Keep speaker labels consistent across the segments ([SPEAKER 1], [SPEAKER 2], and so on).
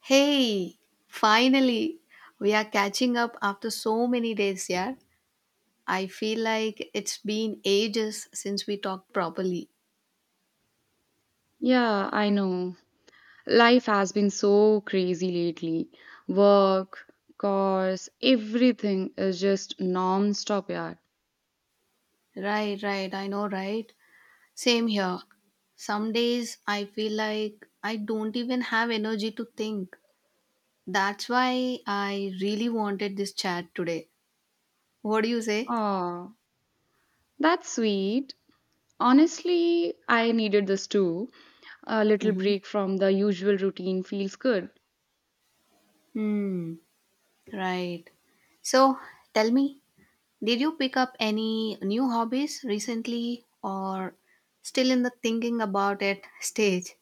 [SPEAKER 1] Hey, finally, we are catching up after so many days, yeah. I feel like it's been ages since we talked properly.
[SPEAKER 2] Yeah, I know. Life has been so crazy lately. Work, cars, everything is just non-stop, yeah.
[SPEAKER 1] Right, right, I know, right? Same here. Some days I feel like I don't even have energy to think. That's why I really wanted this chat today. What do you say?
[SPEAKER 2] Aw, that's sweet. Honestly, I needed this too. A little
[SPEAKER 1] Mm-hmm.
[SPEAKER 2] break from the usual routine feels good.
[SPEAKER 1] Hmm, right. So, tell me, did you pick up any new hobbies recently or still in the thinking about it stage?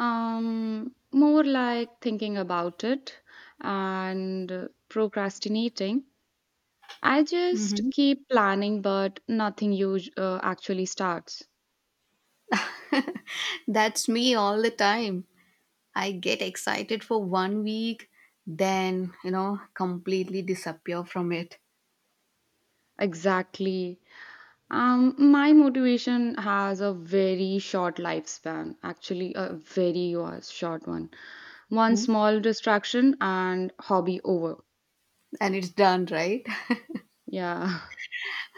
[SPEAKER 2] More like thinking about it and procrastinating. I just
[SPEAKER 1] hmm
[SPEAKER 2] keep planning, but nothing actually starts.
[SPEAKER 1] That's me all the time. I get excited for 1 week, then completely disappear from it.
[SPEAKER 2] Exactly. My motivation has a very short lifespan, actually, a very short one. One
[SPEAKER 1] Mhm.
[SPEAKER 2] small distraction and hobby over.
[SPEAKER 1] And it's done, right?
[SPEAKER 2] Yeah.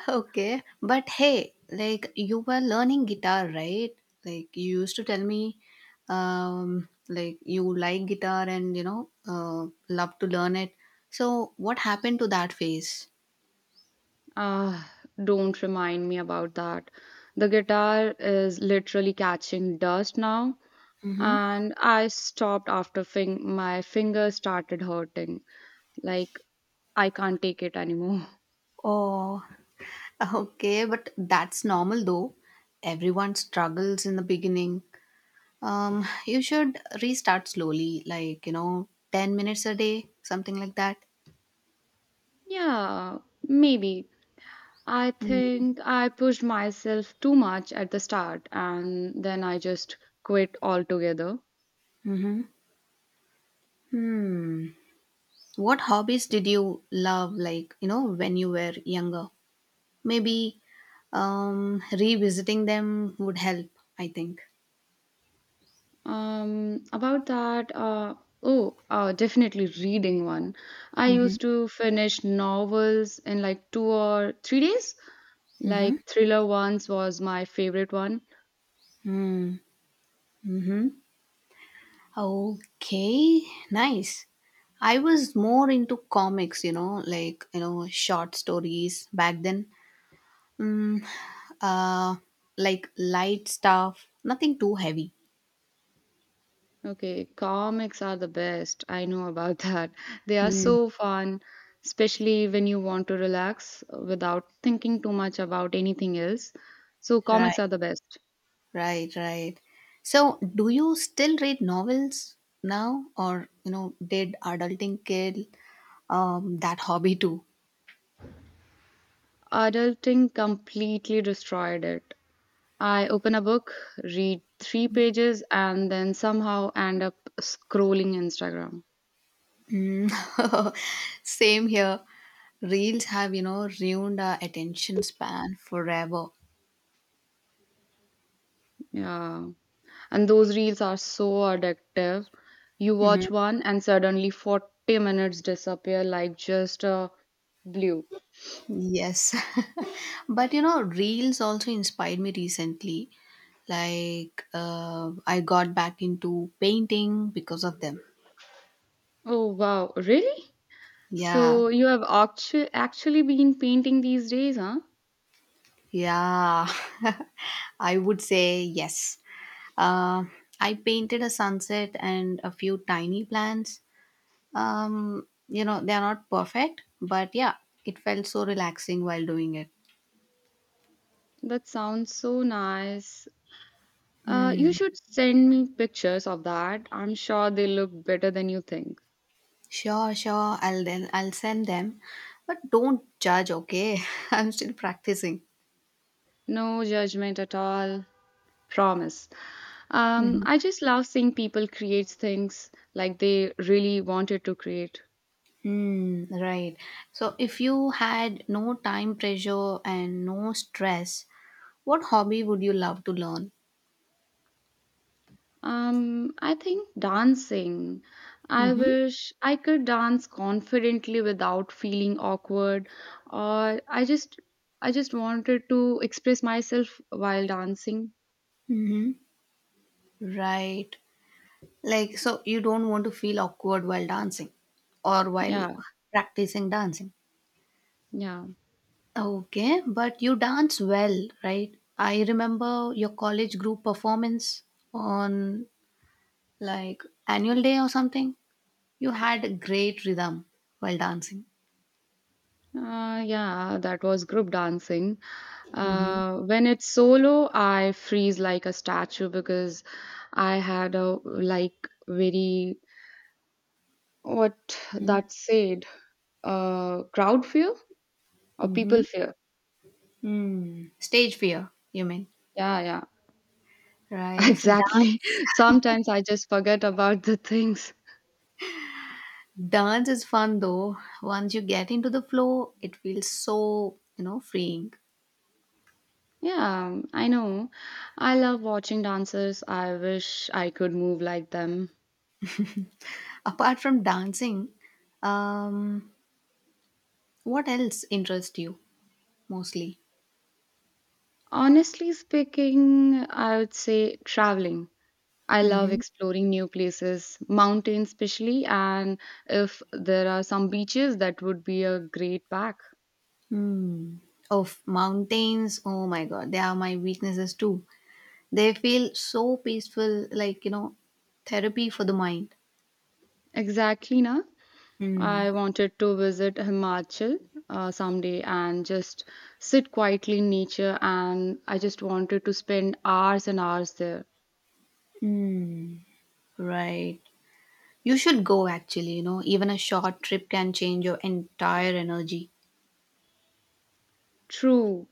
[SPEAKER 1] Okay, but hey, like you were learning guitar, right? Like you used to tell me, like you like guitar and love to learn it. So what happened to that phase?
[SPEAKER 2] Ah, don't remind me about that. The guitar is literally catching dust now,
[SPEAKER 1] Mm-hmm.
[SPEAKER 2] and I stopped after fing. My fingers started hurting. Like, I can't take it anymore.
[SPEAKER 1] Oh, okay, but that's normal though. Everyone struggles in the beginning. You should restart slowly, 10 minutes a day, something like that.
[SPEAKER 2] Yeah, maybe I think I pushed myself too much at the start and then I just quit altogether.
[SPEAKER 1] Mm-hmm. Hmm. What hobbies did you love, when you were younger? Maybe revisiting them would help, I think.
[SPEAKER 2] Um, about that, uh, oh, Definitely reading one. I
[SPEAKER 1] hmm
[SPEAKER 2] used to finish novels in like 2 or 3 days. Like
[SPEAKER 1] Mm-hmm.
[SPEAKER 2] Thriller ones was my favorite one.
[SPEAKER 1] Hmm. Mm-hmm. Okay, nice. I was more into comics, short stories back then. Mm, uh, like light stuff, nothing too heavy.
[SPEAKER 2] Okay, comics are the best. I know about that. They are
[SPEAKER 1] Mm,
[SPEAKER 2] so fun, especially when you want to relax without thinking too much about anything else. So,
[SPEAKER 1] right.
[SPEAKER 2] comics are the best.
[SPEAKER 1] Right, right. So, do you still read novels now, or did adulting kill, that hobby too?
[SPEAKER 2] Adulting completely destroyed it. I open a book, read three pages, and then somehow end up scrolling Instagram.
[SPEAKER 1] Mm. Same here. Reels have ruined our attention span forever.
[SPEAKER 2] Yeah. And those reels are so addictive. You
[SPEAKER 1] hmm
[SPEAKER 2] watch one, and suddenly 40 minutes disappear like just a blue.
[SPEAKER 1] Yes, but reels also inspired me recently. Like, I got back into painting because of them.
[SPEAKER 2] Oh wow, really?
[SPEAKER 1] Yeah.
[SPEAKER 2] So you have actually been painting these days, huh?
[SPEAKER 1] Yeah, I would say yes. Uh, I painted a sunset and a few tiny plants. They are not perfect, but yeah, it felt so relaxing while doing it.
[SPEAKER 2] That sounds so nice. You
[SPEAKER 1] Hmm.
[SPEAKER 2] should send me pictures of that. I'm sure they look better than you think.
[SPEAKER 1] Sure, sure. I'll send them, but don't judge. Okay, I'm still practicing.
[SPEAKER 2] No judgment at all, promise.
[SPEAKER 1] Mhm.
[SPEAKER 2] I just love seeing people create things like they really wanted to create.
[SPEAKER 1] Hmm. Right. So, if you had no time pressure and no stress, what hobby would you love to learn?
[SPEAKER 2] I think dancing. I
[SPEAKER 1] Mm-hmm.
[SPEAKER 2] wish I could dance confidently without feeling awkward, or I just wanted to express myself while dancing.
[SPEAKER 1] hmm Right. Like, so you don't want to feel awkward while dancing or while
[SPEAKER 2] Yeah,
[SPEAKER 1] practicing dancing.
[SPEAKER 2] yeah.
[SPEAKER 1] Okay, but you dance well, right? I remember your college group performance on like annual day or something. You had a great rhythm while dancing.
[SPEAKER 2] Yeah, that was group dancing.
[SPEAKER 1] Mm-hmm.
[SPEAKER 2] When it's solo, I freeze like a statue because I had a like very what that said, crowd fear or
[SPEAKER 1] Mm-hmm.
[SPEAKER 2] people fear.
[SPEAKER 1] Mm. Stage fear, you mean?
[SPEAKER 2] Yeah, yeah.
[SPEAKER 1] Right.
[SPEAKER 2] Exactly. Sometimes I just forget about the things.
[SPEAKER 1] Dance is fun though. Once you get into the flow, it feels so, freeing.
[SPEAKER 2] Yeah, I know. I love watching dancers. I wish I could move like them.
[SPEAKER 1] Apart from dancing, um, what else interests you mostly?
[SPEAKER 2] Honestly speaking, I would say traveling. I love
[SPEAKER 1] Mm-hmm.
[SPEAKER 2] exploring new places, mountains especially, and if there are some beaches, that would be a great pack.
[SPEAKER 1] Hmm. Of mountains, oh my god, they are my weaknesses too. They feel so peaceful, therapy for the mind.
[SPEAKER 2] Exactly, na?
[SPEAKER 1] Hmm.
[SPEAKER 2] I wanted to visit Himachal someday and just sit quietly in nature, and I just wanted to spend hours and hours there.
[SPEAKER 1] Right. You should go actually, even a short trip can change your entire energy.
[SPEAKER 2] True.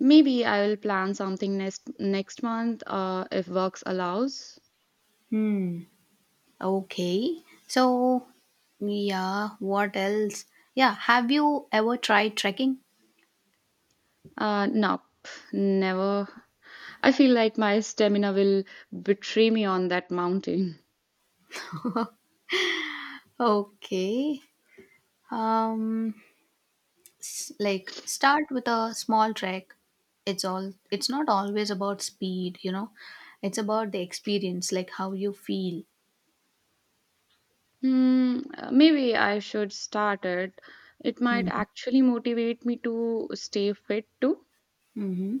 [SPEAKER 2] Maybe I will plan something next next month if works allows.
[SPEAKER 1] Hmm. Okay. So, yeah, what else? Yeah, have you ever tried trekking?
[SPEAKER 2] No, never. I feel like my stamina will betray me on that mountain.
[SPEAKER 1] Okay. um like start with a small trek, it's all it's not always about speed, it's about the experience, like how you feel.
[SPEAKER 2] Hmm, maybe I should start it. It might actually motivate me to stay fit too.
[SPEAKER 1] Mm-hmm.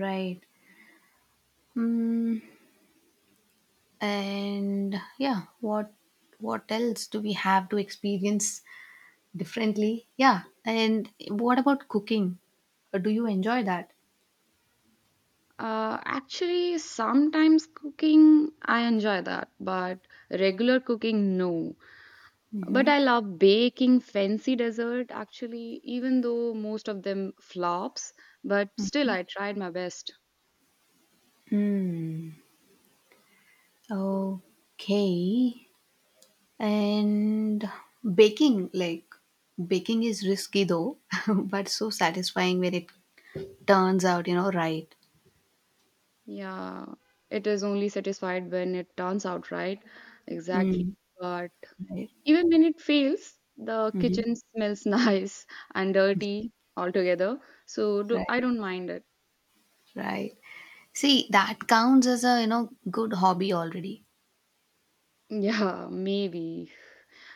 [SPEAKER 1] Right. mm, and yeah, what else do we have to experience differently, yeah, and what about cooking? Do you enjoy that?
[SPEAKER 2] Actually, sometimes cooking, I enjoy that, but regular cooking, no. But I
[SPEAKER 1] hmm
[SPEAKER 2] love baking fancy dessert, actually, even though most of them flops, but still I tried my best.
[SPEAKER 1] Hmm. Okay. And baking, like baking is risky though, but so satisfying when it turns out, right.
[SPEAKER 2] Yeah, it is only satisfied when it turns out right. Exactly.
[SPEAKER 1] Mm,
[SPEAKER 2] But
[SPEAKER 1] right.
[SPEAKER 2] even when it fails, the
[SPEAKER 1] hmm
[SPEAKER 2] kitchen smells nice and dirty altogether, so do,
[SPEAKER 1] Right.
[SPEAKER 2] I don't mind it.
[SPEAKER 1] Right. See, that counts as a, good hobby already.
[SPEAKER 2] Yeah, maybe.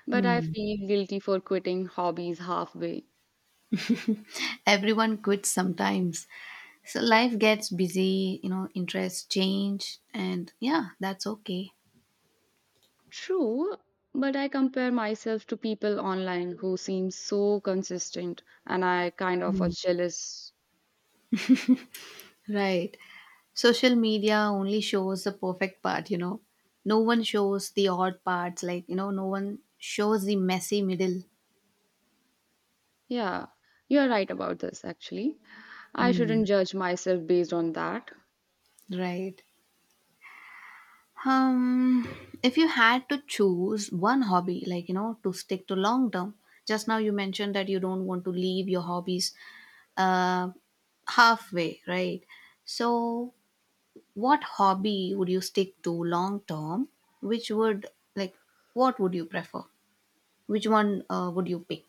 [SPEAKER 2] But I
[SPEAKER 1] Hmm.
[SPEAKER 2] feel guilty for quitting hobbies halfway.
[SPEAKER 1] Everyone quits sometimes. So life gets busy, interests change and yeah, that's okay.
[SPEAKER 2] True, but I compare myself to people online who seem so consistent and I kind of are jealous.
[SPEAKER 1] Right. Social media only shows the perfect part, No one shows the odd parts, no one shows the messy middle.
[SPEAKER 2] Yeah, you're right about this actually. I
[SPEAKER 1] Hmm.
[SPEAKER 2] shouldn't judge myself based on that.
[SPEAKER 1] Right? Um, if you had to choose one hobby, to stick to long term, just now you mentioned that you don't want to leave your hobbies, uh, halfway, right? So, what hobby would you stick to long term? Which would, like, what would you prefer? Which one would you pick?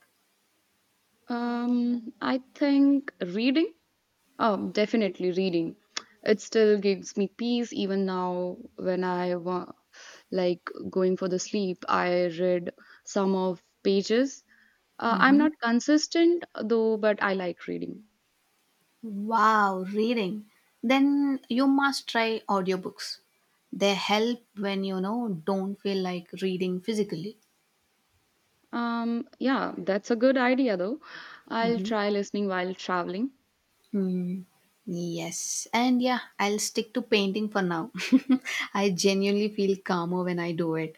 [SPEAKER 2] I think reading. Oh, definitely reading. It still gives me peace even now when I like going for the sleep. I read some of pages. I'm
[SPEAKER 1] Mm-hmm.
[SPEAKER 2] not consistent though, but I like reading.
[SPEAKER 1] Wow, reading. Then you must try audiobooks. They help when don't feel like reading physically.
[SPEAKER 2] Yeah, that's a good idea though. I'll
[SPEAKER 1] hmm
[SPEAKER 2] try listening while traveling.
[SPEAKER 1] Hmm. Yes. And yeah, I'll stick to painting for now. I genuinely feel calmer when I do it.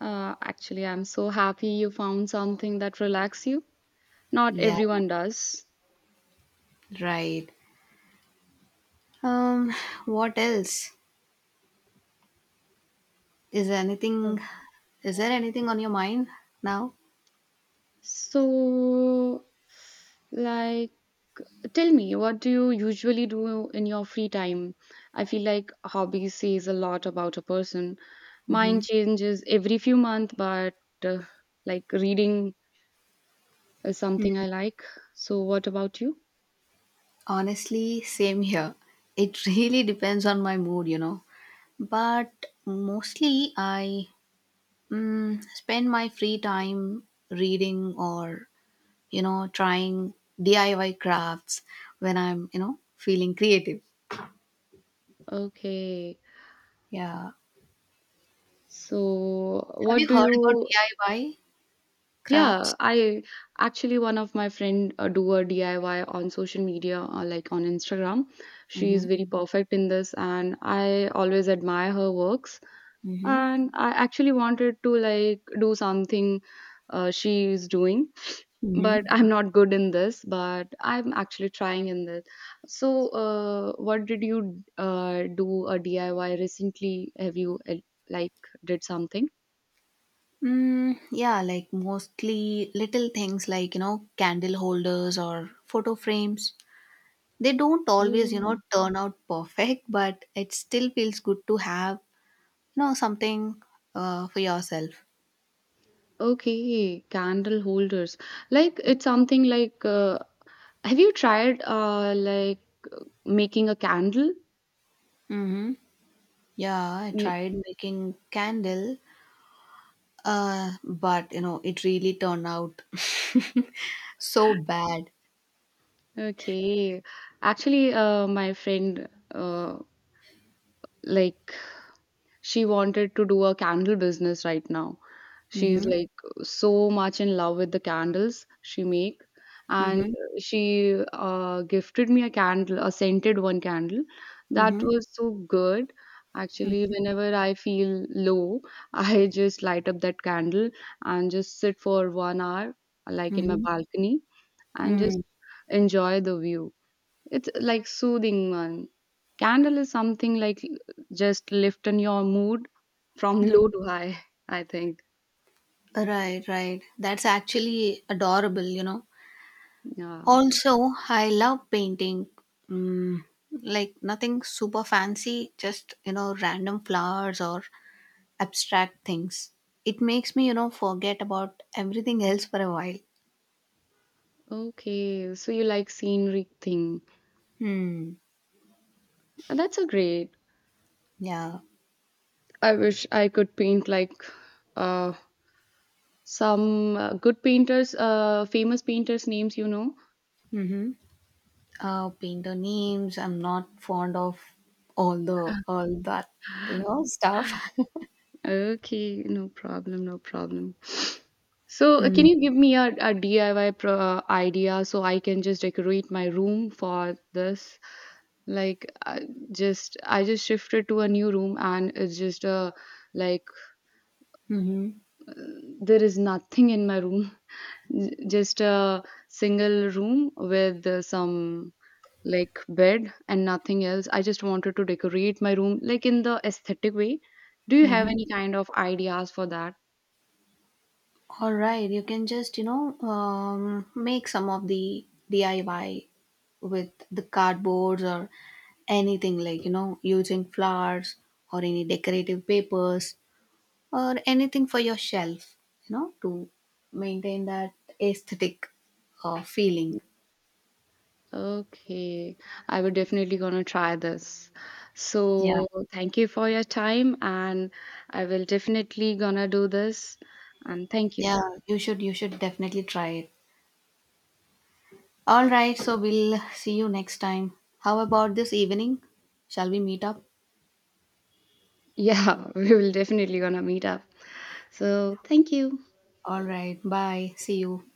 [SPEAKER 2] Actually, I'm so happy you found something that relaxes you. Not
[SPEAKER 1] Yeah,
[SPEAKER 2] everyone does.
[SPEAKER 1] right. Um, what else? Is there
[SPEAKER 2] Uh,
[SPEAKER 1] anything is there anything on your mind now?
[SPEAKER 2] So, like, Tell me, what do you usually do in your free time? I feel like hobby says a lot about a person. Mine
[SPEAKER 1] hmm
[SPEAKER 2] changes every few months, but uh, like reading is something I like. So, what about you?
[SPEAKER 1] Honestly, same here. It really depends on my mood, But mostly I, spend my free time reading or trying DIY crafts when I'm feeling creative.
[SPEAKER 2] Okay.
[SPEAKER 1] Yeah,
[SPEAKER 2] So,
[SPEAKER 1] have
[SPEAKER 2] what
[SPEAKER 1] you
[SPEAKER 2] do
[SPEAKER 1] heard about
[SPEAKER 2] you?
[SPEAKER 1] DIY
[SPEAKER 2] Yeah,
[SPEAKER 1] crafts?
[SPEAKER 2] I actually one of my friend do a DIY on social media, like on Instagram. She is
[SPEAKER 1] Mm-hmm.
[SPEAKER 2] very perfect in this, and I always admire her works.
[SPEAKER 1] Mm-hmm.
[SPEAKER 2] And I actually wanted to like do something she is doing
[SPEAKER 1] Mm-hmm.
[SPEAKER 2] but I'm not good in this but I'm actually trying in this so what did you do a diy recently have you like did something.
[SPEAKER 1] Mm, yeah, like mostly little things like, candle holders or photo frames. They don't always,
[SPEAKER 2] Oh,
[SPEAKER 1] turn out perfect, but it still feels good to have. No, something for yourself.
[SPEAKER 2] okay. Candle holders. Like it's something like have you tried making a candle?
[SPEAKER 1] Mm-hmm. Yeah, I
[SPEAKER 2] Ye-
[SPEAKER 1] tried making candle, but it really turned out so bad.
[SPEAKER 2] Okay. Actually, my friend like she wanted to do a candle business right now. She's
[SPEAKER 1] Mm-hmm.
[SPEAKER 2] like so much in love with the candles she make, and
[SPEAKER 1] Mm-hmm.
[SPEAKER 2] she gifted me a candle, a scented one candle. That
[SPEAKER 1] Mm-hmm.
[SPEAKER 2] was so good. Actually, whenever I feel low, I just light up that candle and just sit for 1 hour, like in my
[SPEAKER 1] Mm-hmm.
[SPEAKER 2] balcony, and
[SPEAKER 1] Mm-hmm.
[SPEAKER 2] just enjoy the view. It's like soothing one. Candle is something like just lifting your mood from
[SPEAKER 1] Mm.
[SPEAKER 2] low to high, I think.
[SPEAKER 1] Right, right. That's actually adorable,
[SPEAKER 2] Yeah.
[SPEAKER 1] Also, I love painting. Mm, like nothing super fancy, just random flowers or abstract things. It makes me, forget about everything else for a while.
[SPEAKER 2] Okay, so you like scenery thing.
[SPEAKER 1] Hmm.
[SPEAKER 2] That's a great.
[SPEAKER 1] Yeah.
[SPEAKER 2] I wish I could paint like uh some good painters, famous painters names, you know.
[SPEAKER 1] Mm-hmm. Painter names. I'm not fond of all that stuff.
[SPEAKER 2] Okay, no problem, no problem. So, can
[SPEAKER 1] Hmm.
[SPEAKER 2] you give me a, DIY pro idea so I can just decorate my room for this? Like, I just shifted to a new room and it's just like
[SPEAKER 1] Mm-hmm.
[SPEAKER 2] uh, there is nothing in my room. Just a single room with some like bed and nothing else. I just wanted to decorate my room like in the aesthetic way. Do you have
[SPEAKER 1] Mm-hmm.
[SPEAKER 2] any kind of ideas for that?
[SPEAKER 1] All right. You can just make some of the DIY with the cardboards or anything like using flowers or any decorative papers or anything for your shelf, to maintain that aesthetic feeling.
[SPEAKER 2] Okay, I would definitely gonna try this.
[SPEAKER 1] Yeah,
[SPEAKER 2] So thank you for your time, and I will definitely gonna do this. And thank you.
[SPEAKER 1] yeah, you should definitely try it. All right, so we'll see you next time. How about this evening? Shall we meet up?
[SPEAKER 2] Yeah, we will definitely gonna meet up. So thank you.
[SPEAKER 1] All right, bye. See you.